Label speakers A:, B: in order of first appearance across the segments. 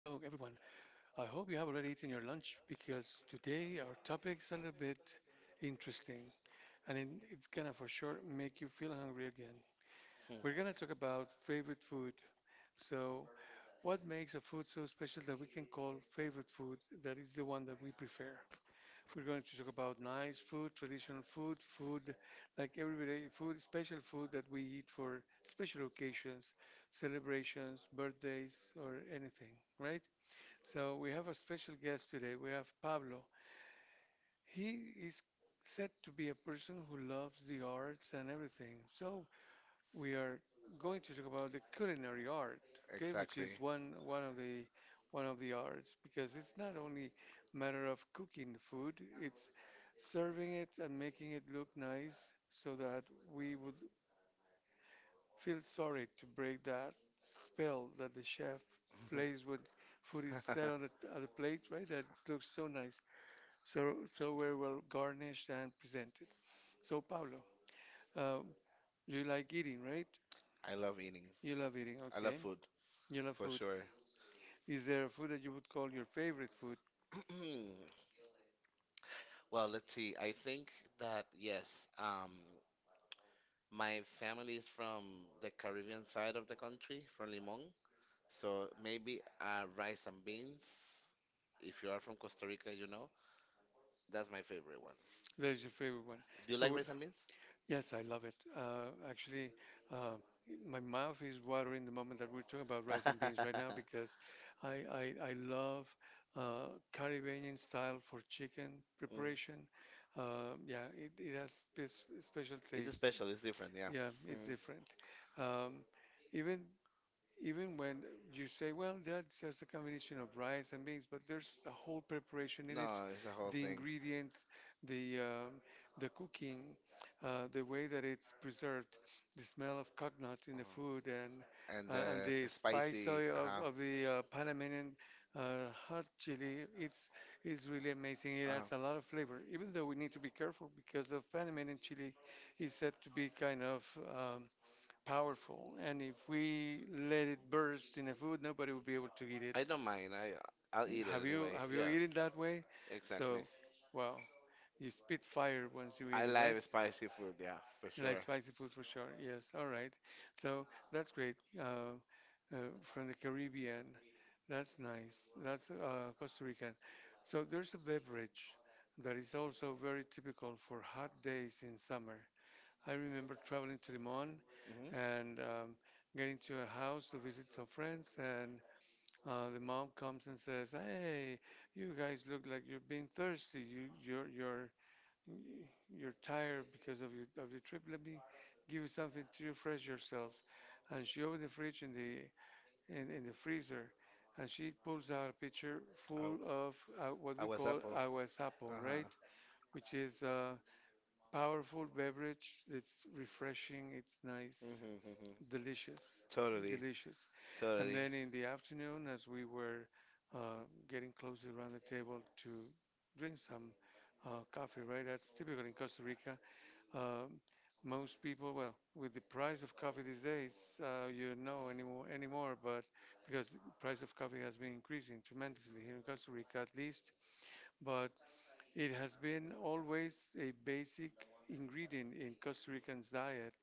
A: I hope you have already eaten your lunch because today our topic's a little bit interesting and it's gonna for sure make you feel hungry again.
B: Hmm,
A: We're gonna talk about favorite food. So, what makes a food so special that we can call favorite food that is the one that we prefer? We're going to talk about nice food, traditional food, food like everyday food, special food that we eat for special occasions, celebrations, birthdays, or anything, right? So we have a special guest today. We have Pablo. He is said to be a person who loves the arts and everything. So we are going to talk about the culinary art, okay, which
B: exactly.
A: is one of the one of the arts because it's not only matter of cooking the food, it's serving it and making it look nice so that we would feel sorry to break that spell that the chef plays when food is set on the plate, right? That looks so nice, so so very well garnished and presented. So Pablo, um, you like eating, right?
B: I love eating.
A: You love eating, I love
B: I love
A: okay. food,
B: food
A: You love
B: for
A: for food.
B: sure.
A: Sure. Is there a food that you would call your favorite food?
B: Well, let's see. I think that yes, my family is from the Caribbean side of the country, from Limon. So maybe rice and beans. If you are from Costa Rica, you know that's my favorite one.
A: That is your favorite one.
B: Do you
A: Do you
B: like
A: like So,
B: rice and beans?
A: lasagna? Yes, I love it. Actually, uh, my mouth is watering the moment that we're talking about rice and beans right now because I love uh, Caribbean style for chicken
B: Mhm.
A: preparation. Yeah, it, it has this special It's
B: It's
A: taste. Special.
B: special. It's
A: It's different.
B: different. Yeah.
A: Yeah. Yeah, it's
B: Mm.
A: different. Um, even even when you say, well, that's just a combination of rice and beans, but there's a whole preparation in it,
B: No, it's a whole
A: the
B: thing.
A: ingredients, the um, the cooking, the way that it's preserved, the smell of coconut in the food,
B: Uh-huh. And
A: and
B: the
A: the spice of
B: spicy. Uh
A: of
B: huh.
A: of the Panamanian hot chili. It's really amazing.
B: Uh
A: It
B: huh.
A: adds a lot of flavor, even though we need to be careful because the Panamanian chili is said to be kind of um, powerful, and if we let it burst in the food, nobody will be able to eat it.
B: I
A: I
B: don't
A: don't mind.
B: mind. I'll
A: I'll eat
B: eat it
A: Have it. You
B: anyway.
A: have you
B: Yeah.
A: eaten that way?
B: Exactly.
A: So, wow, you spit fire once you eat
B: I
A: it, right?
B: like spicy food. Yeah, for
A: You like
B: sure.
A: spicy food for sure. Yes, all right. So that's great. From the Caribbean, that's nice. That's Costa Rican. So there's a beverage that is also very typical for hot days in summer. I remember traveling to Limon
B: Hmm.
A: and getting to a house to visit some friends, and the mom comes and says, "Hey, you guys look like you've been thirsty. You're tired because of your trip. Let me give you something to refresh yourselves." And she opened the fridge in the freezer, and she pulls out a pitcher
B: I,
A: full of what
B: I
A: we
B: was
A: call
B: Apple.
A: agua de sapo, right?
B: Uh-huh.
A: Which is powerful beverage. It's refreshing. It's
B: Mm
A: nice,
B: hmm hmm.
A: delicious,
B: Totally.
A: delicious. And
B: Totally.
A: then in the afternoon, as we were uh, getting closer around the table to drink some coffee, right? That's typical in Costa Rica. Um most people, well, with the price of coffee these days, you know anymore, anymore, but because the price of coffee has been increasing tremendously here in Costa Rica, at least. But it has been always a basic ingredient in Costa Rican's diet.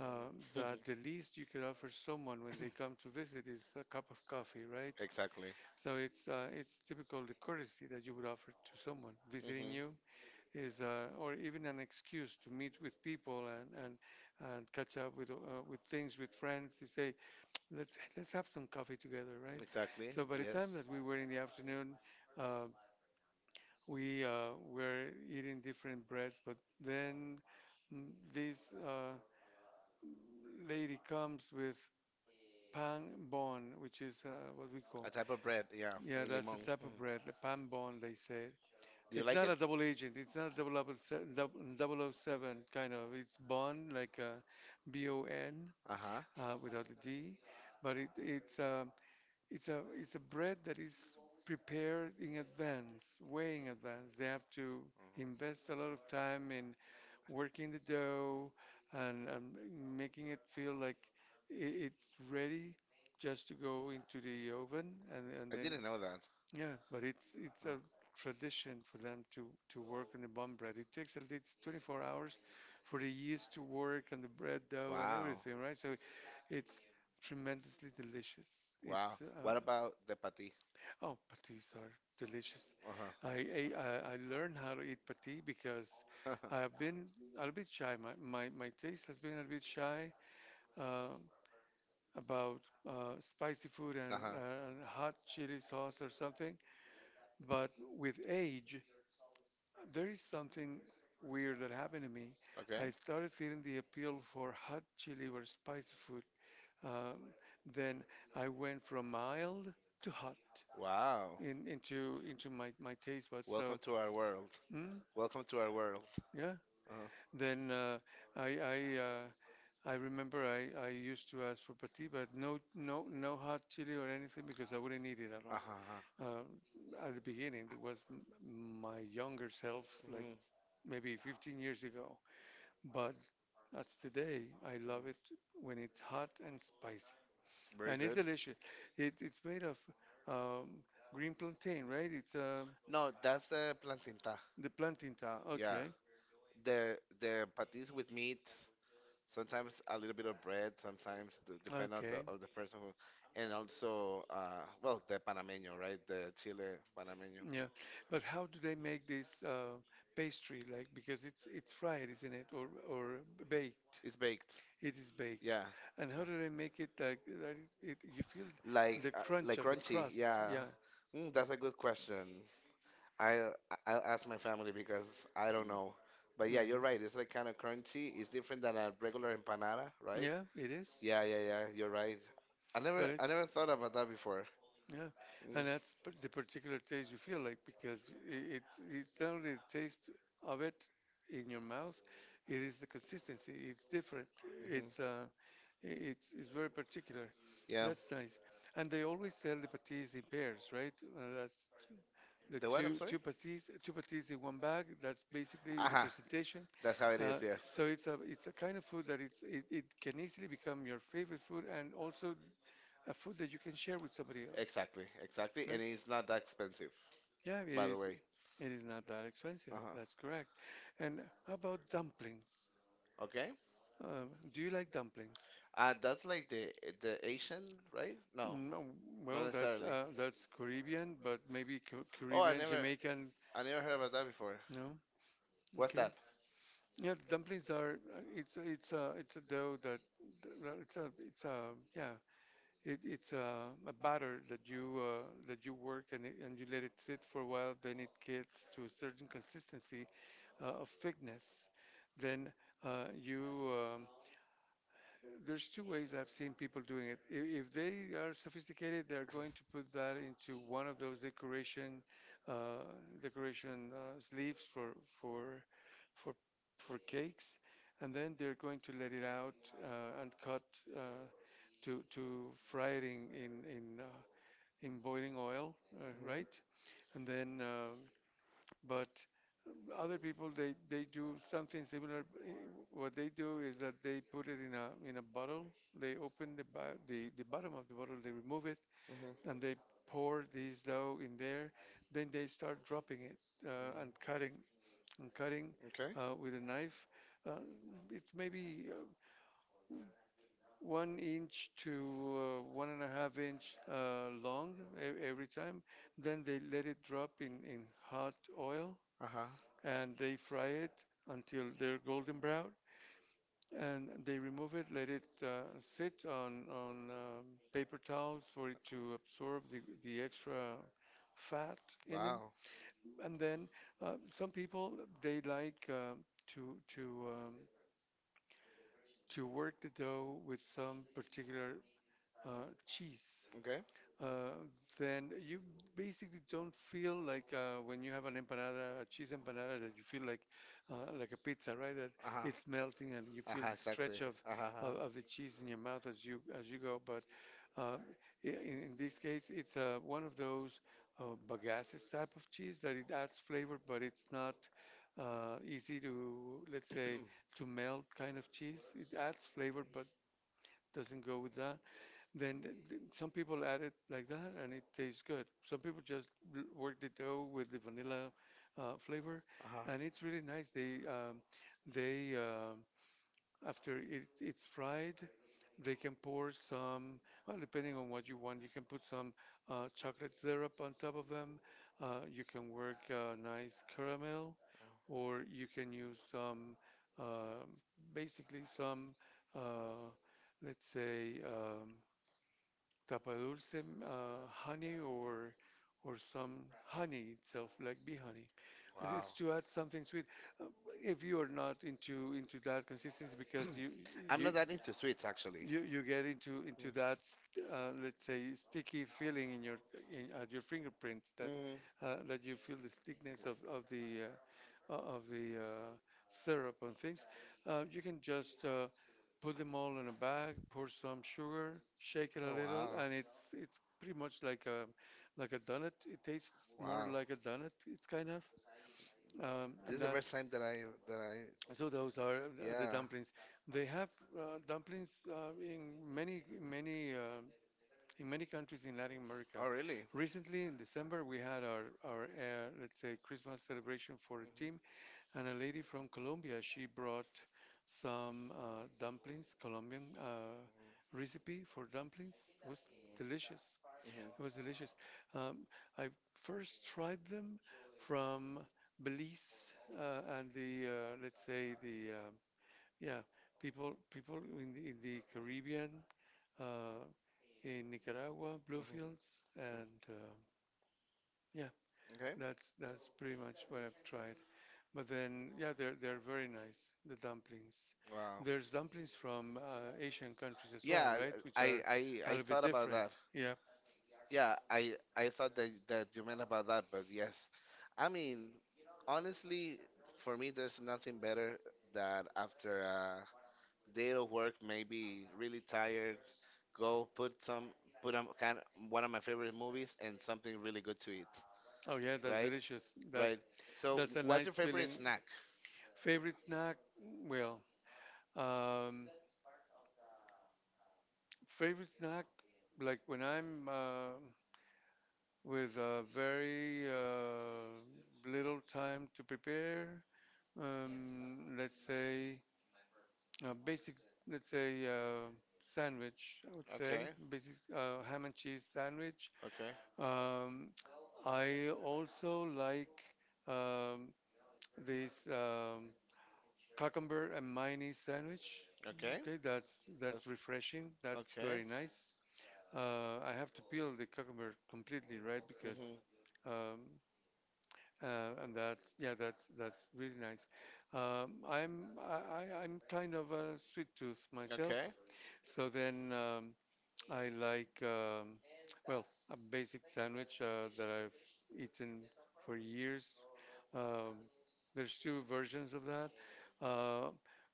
A: That
B: Mm.
A: the least you can offer someone when they come to visit is a cup of coffee, right?
B: Exactly.
A: So it's typical the courtesy that you would offer to someone
B: Mm
A: visiting
B: hmm.
A: you is or even an excuse to meet with people and and catch up with things with friends. To say let's have some coffee together, right?
B: Exactly.
A: So by the time
B: Yes.
A: that we were in the afternoon, uh, we were eating different breads, but then mm, this lady comes with pan bon, which is what we
B: A
A: call.
B: type of bread, yeah,
A: Yeah,
B: in
A: that's a
B: Limon.
A: type of
B: Mhm.
A: bread, the pan bon, they say.
B: Do you
A: It's
B: like
A: not
B: it?
A: a double agent. It's not double double o seven kind of. It's bon, like BON
B: Uh huh.
A: without the D, but it's a it's a it's a bread that is prepared in advance, way in advance. They have to
B: Hmm.
A: invest a lot of time in working the dough and making it feel like i- it's ready just to go into the oven and
B: I
A: then
B: didn't know that.
A: yeah but it's a
B: Uh,
A: tradition for them to work on the bun bread it takes at least 24 hours for the yeast to work and the bread dough and
B: Wow.
A: everything right so it's tremendously delicious
B: Wow.
A: it's
B: What about the patty?
A: Oh, patis are delicious.
B: Uh huh.
A: I, I learned how to eat pati because
B: Uh
A: I've been a little bit shy. My taste has been a little bit shy um, about spicy food
B: huh.
A: and hot chili sauce or something. But with age, there is something weird that happened to me.
B: Okay.
A: I started feeling the appeal for hot chili or spicy food. Um, then I went from mild to hot
B: Wow.
A: in, into my, my taste buds. So
B: Welcome to our world.
A: mm,
B: Welcome to our world.
A: yeah.
B: Uh huh.
A: Then I I uh, I remember I used to ask for patty, but no no no hot chili or anything because I wouldn't eat it at
B: Uh
A: all.
B: huh.
A: At the beginning, it was my younger self, like
B: Hmm.
A: maybe 15 years ago. But that's today. I love it when it's hot and spicy, and it's delicious. It it's made of um, green plantain, right? It's
B: No, that's the plantinta.
A: the plantain. Ta-
B: Yeah.
A: Okay,
B: the patis with meat, sometimes a little bit of bread, sometimes d depend on the
A: okay.
B: of the person who, and also well the panameño, right? The chile panameño.
A: Yeah, but how do they make this pastry? Like because it's fried, isn't it, or baked?
B: It's baked.
A: It is baked,
B: Yeah.
A: and how do they make it like that? It, you feel the
B: Like
A: crunch
B: like
A: of the
B: crunchy.
A: crust.
B: Yeah.
A: Yeah.
B: Mm, that's a good question. I I'll ask my family because I don't know. But yeah,
A: hmm
B: you're right. It's like kind of crunchy. It's different than a regular empanada, right?
A: Yeah, it is.
B: Yeah, yeah, yeah. You're right. I never
A: But
B: I
A: it's
B: never thought about that before.
A: yeah,
B: Mm,
A: and that's the particular taste you feel like because it's not only the taste of it in your mouth, it is the consistency. It's different.
B: hmm.
A: It's it's very particular.
B: Yeah.
A: That's nice. And they always sell the patis in pairs, right? That's the
B: The what? I'm sorry.
A: two patis in one bag. That's basically the
B: Aha.
A: presentation.
B: That's how it
A: Uh,
B: is. Yes.
A: so it's a kind of food that it can easily become your favorite food and also a food that you can share with somebody else,
B: Exactly. Exactly.
A: right?
B: And it's not that expensive,
A: Yeah, it
B: by the
A: is.
B: way.
A: It is not that
B: Uh
A: expensive.
B: huh.
A: That's correct. And how about dumplings?
B: Okay.
A: Uh, do you like dumplings?
B: That's like the Asian, right? No,
A: No,
B: not
A: well,
B: necessarily.
A: that's Caribbean, but maybe
B: Oh, I
A: Caribbean,
B: never
A: Jamaican.
B: I never heard about that before.
A: No,
B: What's
A: okay.
B: that?
A: Yeah, dumplings are. It's a it's a dough that well, it's a yeah it's a batter that you work and it, and you let it sit for a while. Then it gets to a certain consistency of thickness. Then you there's two ways I've seen people doing it. If they are sophisticated, they're going to put that into one of those decoration uh, decoration sleeves for for for for cakes, and then they're going to let it out and cut uh, to fry it in in boiling oil,
B: Hmm
A: right? And then but other people, they do something similar. Eh, What they do is that they put it in a bottle. They open the bottom of the bottle. They remove it
B: hmm hmm.
A: and they pour this dough in there. Then they start dropping it uh, and cutting and cutting
B: Okay.
A: with a knife. Uh, it's maybe one inch to one and a half inch long every time. Then they let it drop in hot oil
B: Uh-huh.
A: and they fry it until they're golden brown and they remove it, let it sit on paper towels for it to absorb the extra fat in them.
B: Wow.
A: And then some people they like to to um, to work the dough with some particular cheese.
B: Okay.
A: uh, then you basically don't feel like when you have an empanada, a cheese empanada, that you feel like a pizza, right? That
B: Uh-huh.
A: it's melting and you feel
B: Uh-huh,
A: the
B: exactly.
A: stretch
B: Uh-huh. Uh-huh.
A: of the cheese in your mouth as you go. But uh, in this case, it's one of those bagaces type of cheese that it adds flavor, but it's not easy to let's say to melt kind of cheese. It adds flavor, but doesn't go with that. Then some people add it like that and it tastes good. Some people just work the dough with the vanilla flavor
B: Uh-huh.
A: and it's really nice. They after it, it's fried, they can pour some, well, depending on what you want, you can put some chocolate syrup on top of them. You can work nice caramel or you can use some um basically some uh, let's say tapadulce, honey or some honey itself, like bee honey. And it's
B: Wow.
A: to add something sweet. Uh, If you are not into that consistency, because
B: I'm
A: you
B: not that into sweets actually.
A: you get into
B: Mm-hmm.
A: into that let's say sticky feeling in your in, at your fingerprints that that you feel the stickiness of of the syrup and things. You can just put them all in a bag, pour some
B: Mm-hmm.
A: sugar, shake it a
B: Oh
A: little,
B: wow.
A: and it's pretty much like a donut. It tastes more
B: Wow.
A: like a donut. It's kind of,
B: This
A: and
B: is the first
A: that's
B: time that I
A: so those are the
B: yeah.
A: dumplings. They have dumplings in many countries in Latin America.
B: Oh really?
A: Recently in December we had our let's say Christmas celebration for a
B: Mhm.
A: team and a lady from Colombia, she brought some dumplings, Colombian
B: Mhm.
A: recipe for dumplings. It was delicious.
B: Mhm.
A: It was delicious. Um, I first tried them from Belize and the let's say the yeah people people in the Caribbean uh, in Nicaragua,
B: Mhm.
A: Bluefields, and yeah.
B: Mhm. Okay.
A: That's pretty much what I've tried. But then, yeah, they're very nice, the dumplings.
B: Wow.
A: There's dumplings from Asian countries as well,
B: Yeah,
A: right? Which
B: I,
A: are
B: I,
A: a
B: I
A: little bit
B: thought about
A: different.
B: that.
A: Yeah.
B: Yeah, I thought that, that you meant about that, but yes. I mean, honestly, for me, there's nothing better that after a day of work, maybe really tired, go put some, put on kind of, one of my favorite movies and something really good to eat,
A: Oh yeah, that's
B: right?
A: delicious. That's
B: Right. So,
A: that's a
B: what's your
A: nice
B: favorite
A: feeling.
B: snack?
A: Favorite snack? Well, um, favorite snack like when I'm with very little time to prepare. Let's say basic, let's say, uh, sandwich, I would say,
B: Okay.
A: basic ham and cheese sandwich.
B: Okay.
A: Um, I also like um, this cucumber and mayonnaise sandwich.
B: Okay.
A: Okay, that's refreshing.
B: That's
A: That's
B: okay.
A: very nice. I have to peel the cucumber completely, right?
B: Mhm.
A: Because um, and that's yeah, that's really nice. I'm I'm kind of a sweet tooth myself,
B: Okay.
A: so then I like, well, a basic sandwich that I've eaten for years. Um, there's two versions of that. Uh,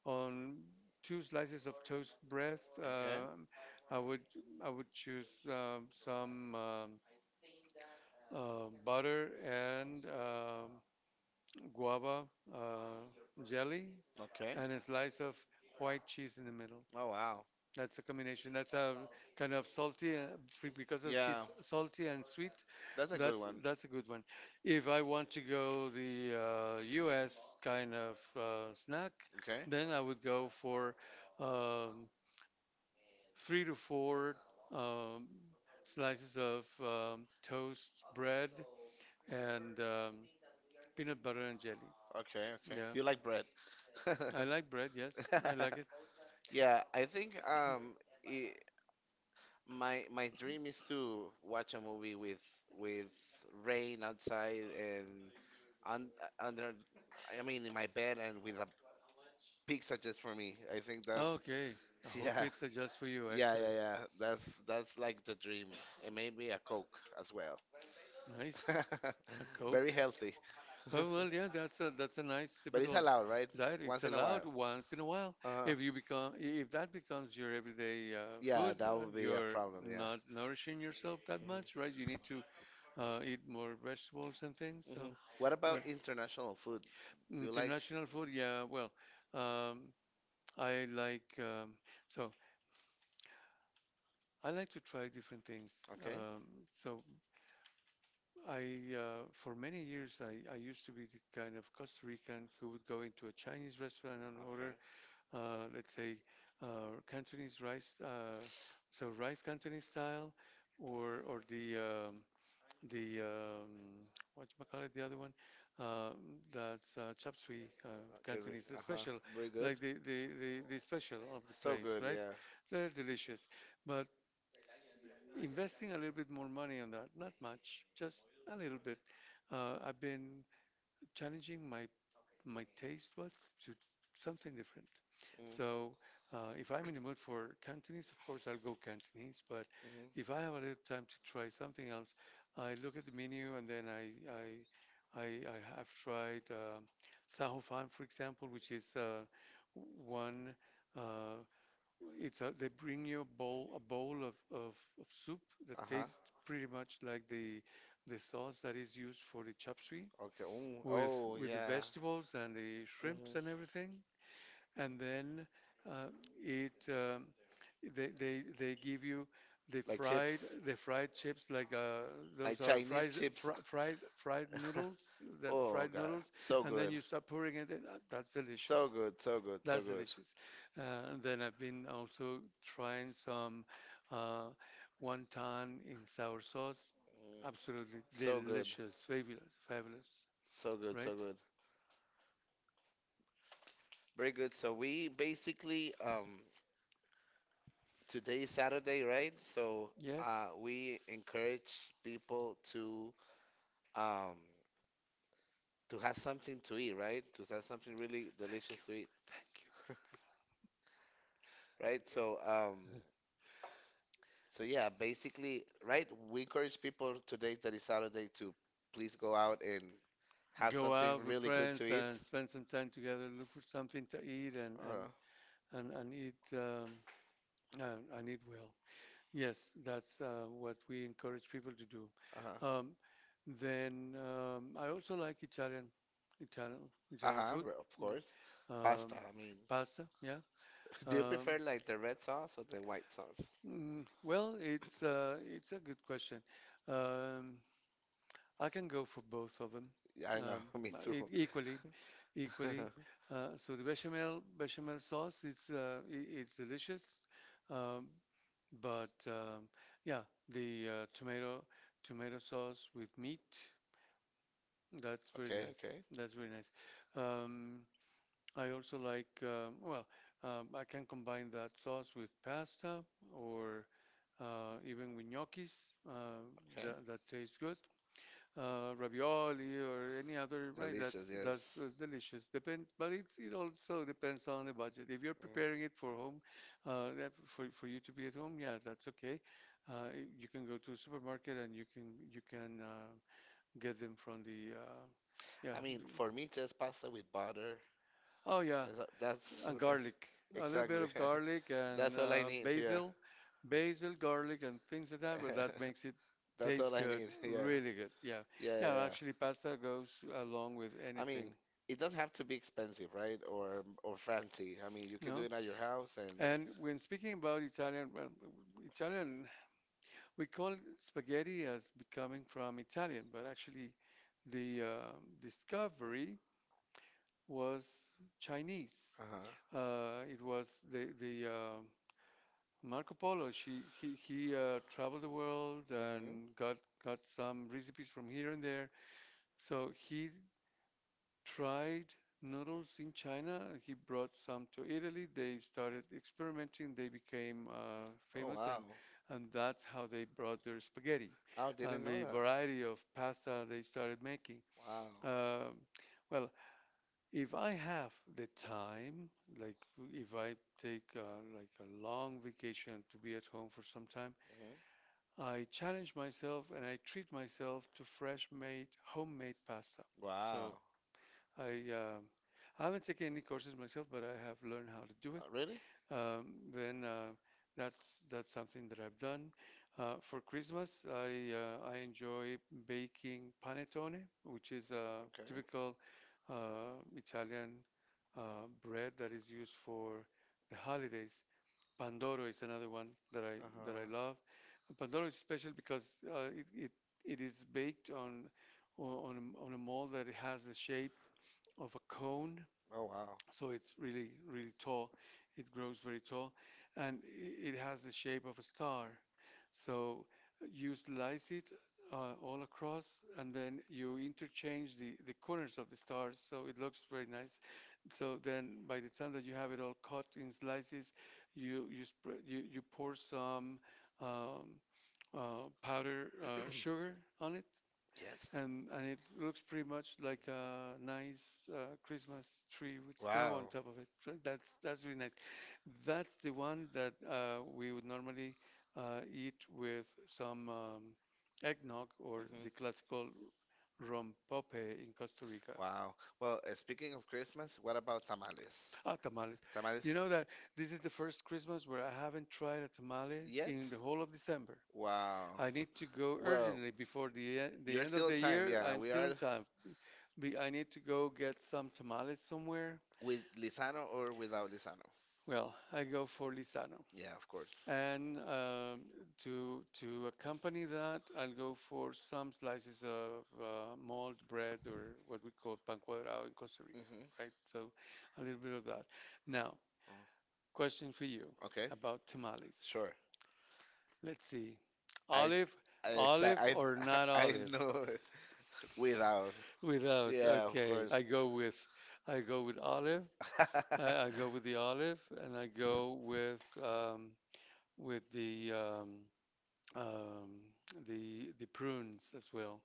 A: on two slices of toast bread,
B: Okay.
A: I would I would choose some butter and guava uh, jelly,
B: Okay.
A: and a slice of white cheese in the middle.
B: Oh wow.
A: That's a combination. That's a kind of salty because of
B: Yeah.
A: cheese, salty and sweet.
B: That's a good
A: That's
B: one.
A: that's a good one. If I want to go the U.S. kind of snack,
B: Okay.
A: then I would go for um, three to four um, slices of toast bread and peanut butter and jelly.
B: Okay. Okay.
A: Yeah,
B: You like bread.
A: I like bread. Yes, I like it.
B: Yeah, I think I my my dream is to watch a movie with rain outside and un, under I mean in my bed and with a pizza just for me. I think that's
A: Okay, a whole
B: yeah.
A: pizza just for you,
B: Yeah, yeah,
A: excellent.
B: yeah. That's like the dream. And maybe a Coke as well.
A: Nice, a Very
B: Very
A: Coke.
B: healthy.
A: Oh well, yeah, that's a nice But it's
B: But it's
A: typical
B: allowed, right?
A: right? diet. It's Once
B: Once
A: in
B: in
A: a
B: a
A: allowed
B: while.
A: while. Once in a while.
B: uh
A: If you become if that becomes your everyday yeah,
B: yeah,
A: food, that
B: that would
A: would be the
B: be a
A: you're problem.
B: problem.
A: Yeah.
B: Yeah.
A: not nourishing yourself that much, right? You need to eat more vegetables and things.
B: Hmm. Mhm.
A: So,
B: Hmm. What
A: What
B: about
A: well,
B: international food?
A: You
B: Do you
A: like?
B: like?
A: International food, yeah. Well, um, I like so I like to try different things.
B: Okay.
A: So I for many years I used to be the kind of Costa Rican who would go into a Chinese restaurant and order
B: Okay.
A: let's say Cantonese rice so rice Cantonese style or the what you call it, the other one, uh, that's chop suey
B: Okay.
A: canton the
B: Uh-huh.
A: special,
B: Very good.
A: like the special of the
B: So
A: place,
B: good.
A: right?
B: Yeah.
A: They're delicious, but investing a little bit more money on that, not much, just a little bit. I've been challenging my taste buds to something different.
B: Mm-hmm.
A: So if I'm in the mood for Cantonese, of course I'll go Cantonese. But if I have a little time to try
B: Mm-hmm.
A: something else, I look at the menu and then I have tried Saho Fan, for example, which is one. Uh, it's a, they bring you a bowl of soup that
B: Uh-huh.
A: tastes pretty much like the sauce that is used for the chop suey
B: Okay. Oh, oh
A: with the
B: yeah.
A: vegetables and the shrimps
B: Hmm.
A: and everything and then uh, it they give you the
B: Like
A: fried
B: chips,
A: the fried chips like those
B: like
A: are
B: Chinese
A: fries
B: chips.
A: fri- fries fried noodles the
B: Oh
A: fried
B: God,
A: noodles
B: so
A: and then
B: good,
A: you start pouring it in. That's
B: so
A: delicious.
B: good, so good, so
A: That's
B: good,
A: delicious. And then I've been also trying some uh, wonton in sour sauce.
B: mm,
A: Absolutely
B: so good,
A: delicious, fabulous, fabulous,
B: so good, so
A: right?
B: good. Very good. So we basically today is Saturday, right? So
A: Yes.
B: we encourage people um, to have something to eat, right? To have something really
A: Thank you.
B: delicious to eat,
A: Thank you.
B: right? So so yeah, basically, right? We encourage people today that is Saturday to please go out and have
A: Go
B: something
A: out with
B: really good to
A: friends and
B: eat.
A: spend some time together, look for something to eat
B: Uh,
A: and eat, and eat well. Yes, that's what we encourage people to do.
B: uh-huh.
A: Um, then I also like Italian, Italian
B: Uh-huh,
A: food,
B: of course. Pasta,
A: um,
B: I mean,
A: Pasta, Yeah.
B: do you
A: Um,
B: prefer like the red sauce or the white sauce?
A: Well, it's a good question. Um, I can go for both of them.
B: Yeah, I know,
A: Um,
B: me too.
A: equally, equally. So the bechamel sauce it's I it's delicious, um, but yeah, the tomato sauce with meat, that's very
B: Okay,
A: nice.
B: okay,
A: That's very nice. Um, I also like I can combine that sauce with pasta or even with gnocchis.
B: okay.
A: That that tastes good ravioli or any other, right?
B: Delicious, yes.
A: That's delicious. Depends, but it's it also depends on the budget. If you're
B: Mm.
A: preparing it for home, for you to be at home, yeah, that's okay. Uh, you can go to a supermarket and you can get them from the yeah.
B: I
A: the-
B: mean, for me, just pasta with butter.
A: Oh yeah,
B: So that's
A: and garlic, a little bit
B: exactly.
A: of garlic and
B: That's all I need. Yeah.
A: basil, basil, garlic, and things like that. But that makes it
B: That's
A: taste
B: all I
A: good,
B: need. Yeah.
A: really good. Yeah,
B: Yeah,
A: yeah.
B: yeah. Yeah.
A: Actually, pasta goes along with
B: I
A: anything.
B: mean, it doesn't have to be expensive, right? Or fancy. I mean, you can do
A: No.
B: it at your house and
A: And when speaking about Italian, well, Italian, we call spaghetti as becoming from Italian, but actually, the discovery was Chinese.
B: uh-huh.
A: It was the Marco Polo. She, he traveled the world
B: Hmm.
A: and got some recipes from here and there. So he tried noodles in China. He brought some to Italy. They started experimenting. They became
B: Oh,
A: famous,
B: wow.
A: and that's how they brought their spaghetti
B: I
A: and
B: didn't know
A: the
B: that.
A: variety of pasta they started making.
B: Wow.
A: Um well, If I have the time, like if I take like a long vacation to be at home for some time,
B: Mm-hmm. I
A: I challenge myself and I treat myself to fresh made homemade pasta. Wow. So
B: wow.
A: I um, I haven't taken any courses myself, but I have learned how to do it.
B: Really?
A: Um, then that's something that I've done. For Christmas, I enjoy baking panettone, which is a typical Italian bread that is used for the holidays. Pandoro is another one that I that I
B: Uh-huh.
A: love. Pandoro is special because it is baked on on a mold that it has the shape of a cone,
B: Oh, wow.
A: so it's really really tall. It grows very tall, and it has the shape of a star. So you slice it all across, and then you interchange the corners of the stars, so it looks very nice. So then, by the time that you have it all cut in slices, you pour some um, powder sugar on it,
B: Yes.
A: and it looks pretty much like a nice Christmas tree with snow on top of it, right? That's really nice. That's the one that we would normally eat with some eggnog or the classical
B: Hmm.
A: rompope in Costa Rica.
B: Wow.
A: Wow.
B: Well, speaking of Christmas, what about tamales?
A: Ah, tamales. Nice.
B: Tamales
A: You know that this is the first Christmas where I haven't tried a tamale yes. in
B: yet?
A: the whole of December.
B: Wow.
A: I need to go
B: Well,
A: urgently before the the
B: you're
A: end of
B: still in
A: the
B: time.
A: year.
B: Yeah,
A: I'm
B: we
A: still
B: are
A: in time. Be, I need to go get some tamales somewhere.
B: with Lisano or without Lisano.
A: Well, I go for Lisano.
B: Yeah, of course.
A: And to accompany that, I'll go for some slices of malt bread or what we call pan cuadrado in Costa Rica,
B: Hmm.
A: right? So a little bit of that. Now, question for you
B: Okay.
A: about tamales.
B: Sure.
A: Let's see.
B: I
A: Olive,
B: I exa-
A: olive
B: I
A: or not
B: I
A: olive?
B: know it. Without.
A: Without,
B: Yeah, of
A: okay.
B: course.
A: I go with olive I go with the olive, and I go with with the um, um, the prunes as well.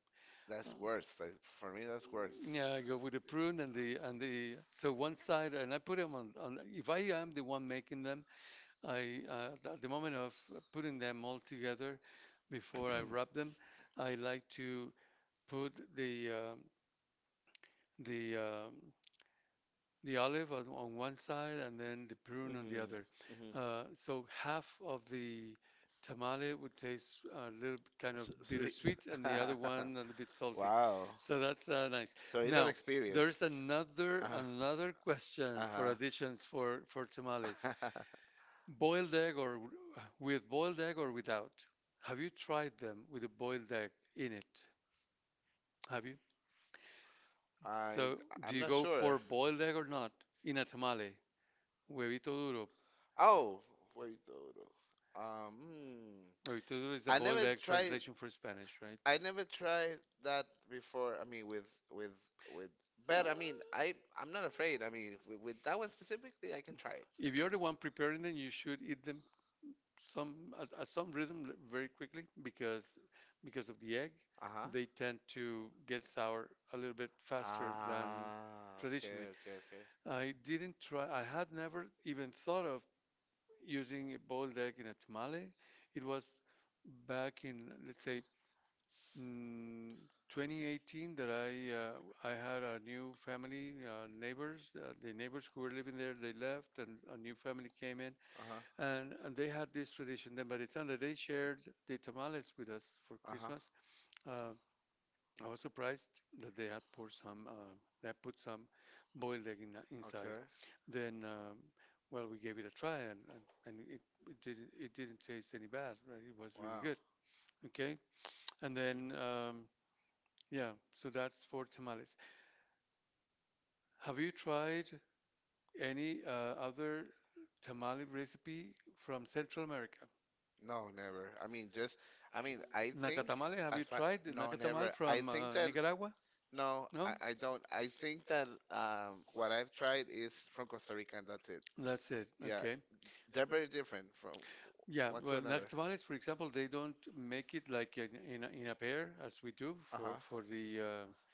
A: Uh,
B: That's worse. Like, for me,
A: that's
B: that's
A: worse.
B: worse.
A: Yeah, I go with the prune and the so one side, and I put them on, on. If I am the one making them, I at the moment of putting them all together, before I wrap them, I like to put the um, the olive on one side and then the prune on the
B: Mhm,
A: other.
B: mhm.
A: So half of the tamale would taste a little kind of
B: Sweet.
A: bittersweet, and the other one a little bit salty. Wow.
B: Wow.
A: So that's nice. So
B: So
A: you have
B: it's an
A: now, experience.
B: experience.
A: There's another
B: Uh,
A: another question for
B: uh-huh.
A: additions for tamales. Boiled egg or with boiled egg or without? Have you tried them with a boiled egg in it? Have you?
B: I
A: So, do
B: I'm
A: you
B: not
A: go
B: sure.
A: for boiled egg or not in a tamale? Huevito duro.
B: Oh, wait though. Though.
A: Huevito duro is a
B: I
A: boiled
B: never
A: egg
B: tried.
A: translation for Spanish, right?
B: I never tried that before. I mean, with with. But I mean, I I'm not afraid. I mean, with that one specifically, I can
A: Try
B: try it.
A: it. If you're the one preparing them, you should eat them some at some rhythm very quickly because of the egg,
B: Uh huh.
A: they tend to get sour a little bit faster than
B: Ah,
A: traditionally.
B: okay, okay, okay.
A: Okay. I didn't try. I had never even thought of using a boiled egg in a tamale. It was back in, let's say, Mm, 2018 that I had a new family neighbors, the neighbors who were living there they left and a new family came in
B: Uh huh.
A: and they had this tradition. Then by the time that they shared the tamales with us for
B: Uh huh.
A: Christmas, uh, I was surprised that they had poured some that put some boiled egg inside.
B: Okay.
A: Then well, we gave it a try, it didn't taste any bad, right? It was really
B: Wow.
A: good. Okay. And then yeah, so that's for tamales. Have you tried any other tamale recipe from Central America?
B: No, never. I mean, just, I mean, I think
A: Nacatamale, have you
B: as far,
A: tried
B: no,
A: the, I
B: never. I
A: from
B: think
A: uh,
B: that,
A: Nicaragua?
B: no,
A: No?
B: I don't.
A: I,
B: I think that what I've tried is from Costa Rica and that's it.
A: that's it.
B: Yeah,
A: Okay.
B: they're very different from
A: Yeah,
B: one to
A: well,
B: another.
A: nacatamalis, for example, they don't make it like in a pair as we do for,
B: Uh-huh.
A: the uh,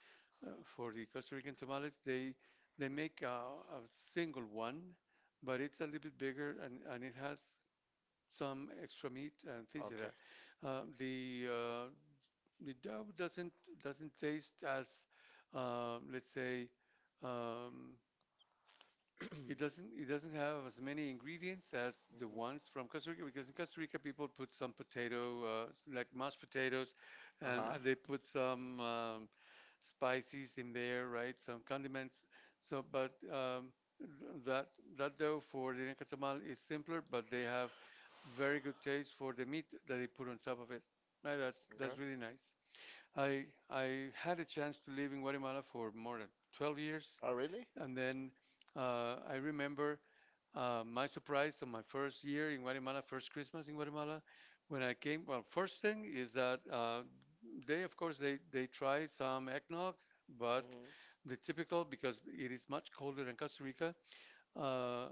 A: uh, for the Costa Rican tamales. They make a single one, but it's a little bit bigger and it has some extra meat and things like
B: Okay.
A: that. The dough doesn't taste as let's say, um, it doesn't, it doesn't have as many ingredients as the ones from
B: uh
A: Costa Rica, because in Costa Rica people put some potato, like mashed potatoes,
B: Uh-huh.
A: and they put some spices in there, right? Some condiments. So, but that that dough for the nacatamal is simpler, but they have very good taste for the meat that they put on top of it. Right?
B: Okay.
A: That's really nice. I I had a chance to live in Guatemala for more than 12 years,
B: Oh, really?
A: and then I remember my surprise on my first year in Guatemala, first Christmas in Guatemala, when I came, well, first thing is that they, of course, they try some eggnog, but
B: Hmm.
A: the typical, because it is much colder than Costa Rica. Uh,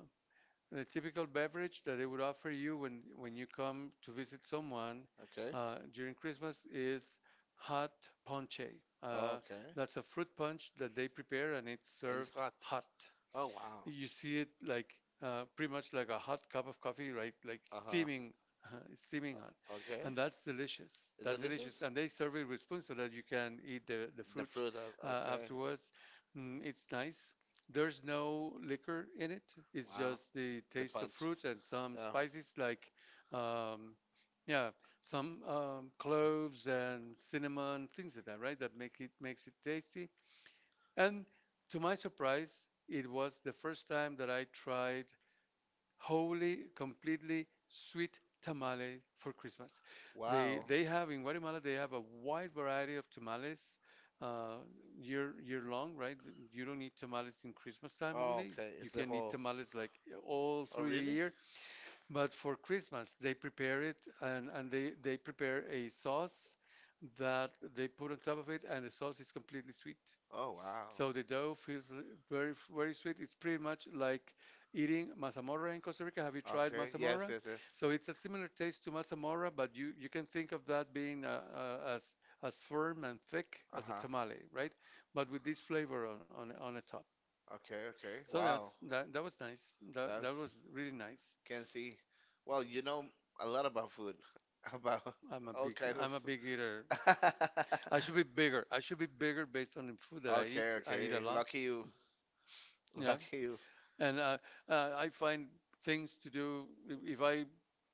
A: the typical beverage that they would offer you when you come to visit someone
B: Okay.
A: during Christmas is hot ponche. Uh,
B: Okay.
A: that's a fruit punch that they prepare and it's
B: It's
A: served
B: hot.
A: hot.
B: Oh, wow.
A: You see it like pretty much like a hot cup of coffee, right? Like
B: Uh-huh.
A: steaming, steaming hot,
B: Okay.
A: and that's delicious.
B: It's
A: That's delicious,
B: delicious?
A: and they serve it with spoon so that you can eat the
B: The
A: fruit
B: fruit, okay.
A: afterwards. Mm, it's nice. There's no liquor in it. It's
B: Wow.
A: just the
B: The
A: taste of
B: punch.
A: fruit and some
B: Yeah.
A: spices like, um, yeah, some cloves and cinnamon, things like that, right? That make it, makes it tasty, and to my surprise, it was the first time that I tried wholly, completely sweet tamales for Christmas. Wow. They
B: Wow.
A: they have, in Guatemala they have a wide variety of tamales, uh, year year long, right? You don't need tamales in Christmas time
B: Oh,
A: only.
B: okay.
A: You
B: It's the
A: can eat
B: whole.
A: tamales like all
B: Oh,
A: through the
B: really?
A: year. But for Christmas, they prepare it, and they prepare a sauce that they put on top of it, and the sauce is completely sweet.
B: Oh, wow.
A: So the dough feels very, very sweet. It's pretty much like eating mazamorra in Costa Rica. Have you tried
B: Okay. Yes,
A: mazamorra?
B: yes, yes.
A: So it's a similar taste to mazamorra, but you can think of that being as firm and thick as a
B: Uh-huh.
A: tamale, right? But with this flavor on the top.
B: Okay, okay.
A: So
B: Wow.
A: that's that that was nice. That that was
B: That's
A: really nice.
B: can see. Well, you know a lot about food, about all kind of
A: I'm a big eater.
B: stuff.
A: I should be bigger. I should be bigger based on the food that I eat.
B: Okay,
A: I eat a
B: okay.
A: lot.
B: Lucky you.
A: Yeah.
B: Lucky you.
A: And I find things to do if I,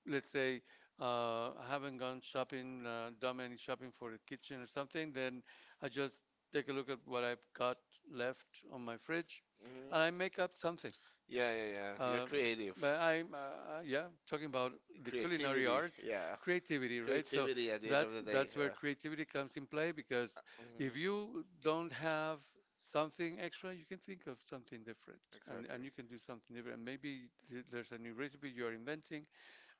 A: let's say, haven't gone shopping, done any shopping for the kitchen or something, then I just take a look at what I've got left on my fridge, and I
B: Hmm.
A: make up something.
B: Yeah, yeah, yeah. You're
A: Uh,
B: creative.
A: but I'm, yeah, talking about the culinary
B: Creativity,
A: arts
B: yeah.
A: creativity, right? So
B: Creativity at the end of the day,
A: that's where
B: yeah.
A: creativity comes in play, because if
B: Hmm.
A: you don't have something extra, you can think of something different,
B: Exactly.
A: and you can do something different, and maybe there's a new recipe you're inventing,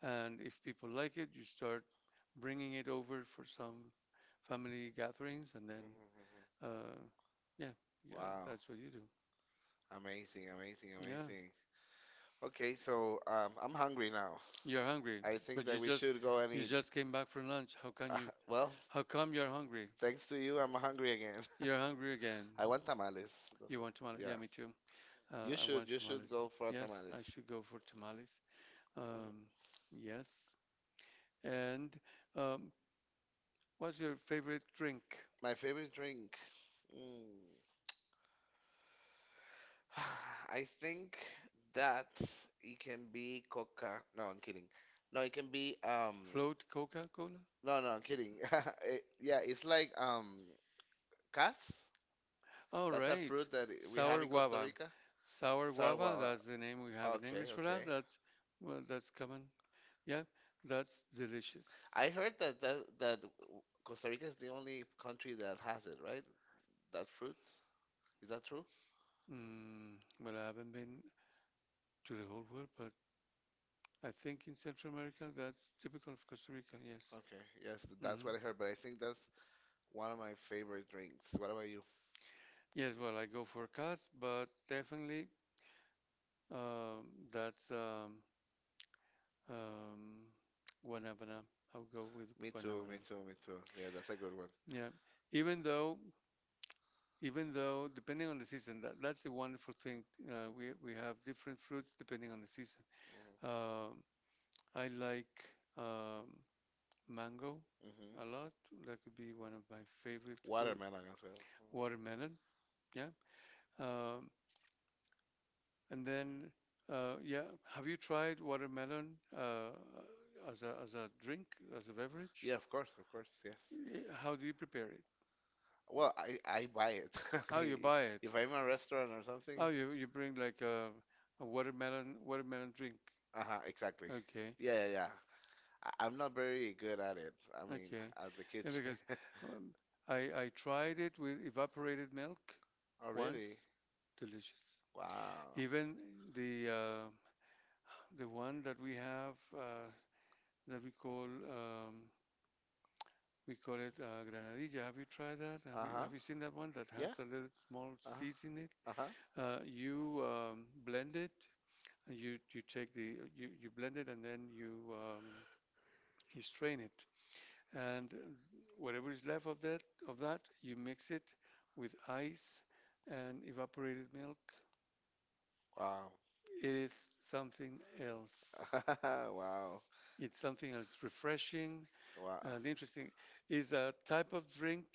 A: and if people like it, you start bringing it over for some family gatherings, and then
B: Mhm.
A: uh yeah, yeah,
B: Wow.
A: that's what you do.
B: Amazing, amazing,
A: Yeah,
B: amazing. Okay, so I'm hungry now.
A: you're hungry,
B: I think
A: but
B: that
A: you
B: we
A: just,
B: should go and
A: you
B: eat.
A: just came back from lunch. How can
B: Uh,
A: you,
B: well,
A: how come you're hungry?
B: thanks to you, I'm hungry again.
A: You're hungry again.
B: I
A: I want
B: want
A: tamales.
B: tamales. That's
A: You
B: what,
A: want tamales? Yeah,
B: yeah.
A: me too. You, I should, want you
B: You
A: should
B: should
A: tamales.
B: go
A: Go
B: for
A: for, yes, I tamales.
B: tamales.
A: Should go for tamales.
B: Mhm.
A: Um, yes. And um, what's your favorite drink?
B: My favorite drink. Mm. I think that it can be Coca. No, I'm kidding. No,
A: Now
B: it
A: it
B: can
A: can
B: be
A: be
B: um.
A: Float Coca-Cola?
B: No, no, I'm kidding. It- yeah, it's like cas.
A: All it's a
B: That's a
A: right.
B: fruit
A: Fruit
B: that
A: that is
B: we
A: sour
B: have in
A: very
B: Costa
A: guava. Mistaken.
B: Rica.
A: Sour
B: Sour
A: guava, sour,
B: guava.
A: that's the name we have in guava.
B: Okay,
A: English for that.
B: okay.
A: Okay. That's, well, that's common. Yeah, that's delicious.
B: I heard that Costa Rica is the only country that has it, right? That fruit. Is that true?
A: Mm, well, I haven't been to the whole world, but I think in Central America, that's typical of Costa Rica, yes.
B: Okay, yes, that's
A: Mhm.
B: what I heard, but I think that's one of my favorite drinks. What about you?
A: Yes, well, I go for cas, but definitely that's um, guanábana. I'll go with
B: Me too, me
A: guanábana.
B: too, me too. Yeah, that's a good one.
A: Yeah, even though, even though, depending on the season, that, that's the wonderful thing. We have different fruits depending on the season.
B: Hmm
A: Um, I like mango a
B: hmm.
A: lot. That could be one of my favorite food.
B: Watermelon as well. Mm.
A: Watermelon, yeah. Um, and then, yeah, have you tried watermelon as a, as a drink, as a beverage?
B: Yeah,
A: Yeah, of course,
B: of
A: of
B: course, yes.
A: course, yes. How do you prepare it? Well,
B: Well, I,
A: I
B: I buy
A: buy
B: it.
A: it.
B: I
A: Oh, you
B: mean,
A: buy it.
B: if
A: If I'm
B: I'm in
A: in
B: a
A: a
B: restaurant
A: restaurant
B: or
A: or something.
B: something.
A: Oh, you bring like a, a watermelon drink. Uh
B: Uh-huh,
A: huh.
B: exactly.
A: Exactly. Okay.
B: Yeah, yeah, yeah. I'm not very good at it. I mean,
A: Okay.
B: at the
A: Yeah,
B: kitchen.
A: because um, I tried it with evaporated milk
B: Oh, really?
A: once. Delicious.
B: Wow.
A: Even the uh, the one that we have that we call it granadilla. Have you tried that? Have you
B: Uh-huh.
A: have you seen that one that
B: Yeah.
A: has a little small
B: Uh-huh.
A: seeds in it?
B: Uh-huh.
A: You blend it. And, you take the, you blend it, and then you you strain it, and whatever is left of that, of that you mix it with ice and evaporated milk.
B: Wow.
A: It is something else.
B: Wow.
A: Wow. It's something else, refreshing
B: Wow.
A: and interesting. Is a type of drink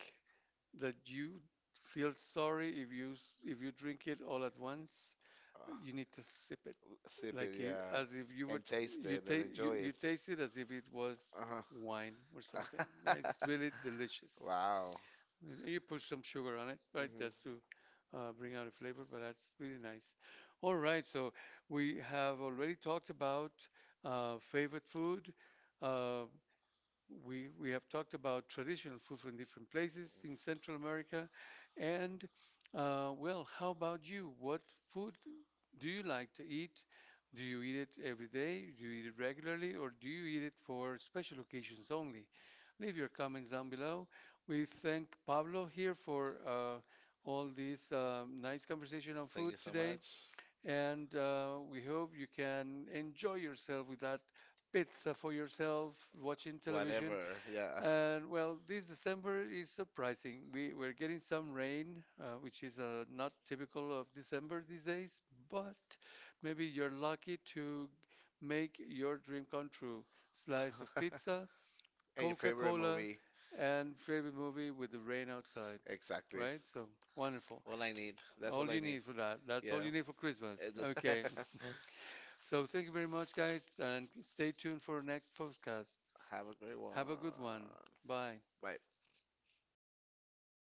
A: that you feel sorry if you, if you drink it all at once.
B: Uh,
A: You need to sip it.
B: sip it,
A: Like you,
B: yeah.
A: as if you would,
B: And taste
A: you
B: it and
A: taste, you,
B: enjoy it.
A: you taste it as if it was wine or
B: Uh-huh.
A: something. Yeah, it's really delicious.
B: Wow.
A: And you put some sugar on it, right?
B: Hmm.
A: Just to bring out a flavor, but that's really nice. All right, so we have already talked about favorite food. Uh, we we have talked about traditional food from different places in Central America, and well, how about you? What food do you like to eat? Do you eat it every day? Do you eat it regularly, or do you eat it for special occasions only? Leave your comments down below. We thank Pablo here for all this nice conversation on
B: Thank
A: food
B: you so
A: today.
B: much.
A: And we hope you can enjoy yourself with that pizza for yourself, watching television.
B: Whatever, yeah.
A: And well, this December is surprising. We're getting some rain, which is not typical of December these days,
B: Mm.
A: but maybe you're lucky to make your dream come true. Slice of pizza,
B: And your favorite
A: Coca-Cola,
B: movie,
A: and favorite movie with the rain outside,
B: exactly.
A: right? So wonderful.
B: All I need. That's all
A: All
B: I
A: you
B: need.
A: need for that. That's all
B: Yeah.
A: you need for Christmas.
B: It's-
A: Okay. So thank you very much, guys, and stay tuned for our next podcast.
B: Have a great one.
A: Have a good one. Bye.
B: Bye.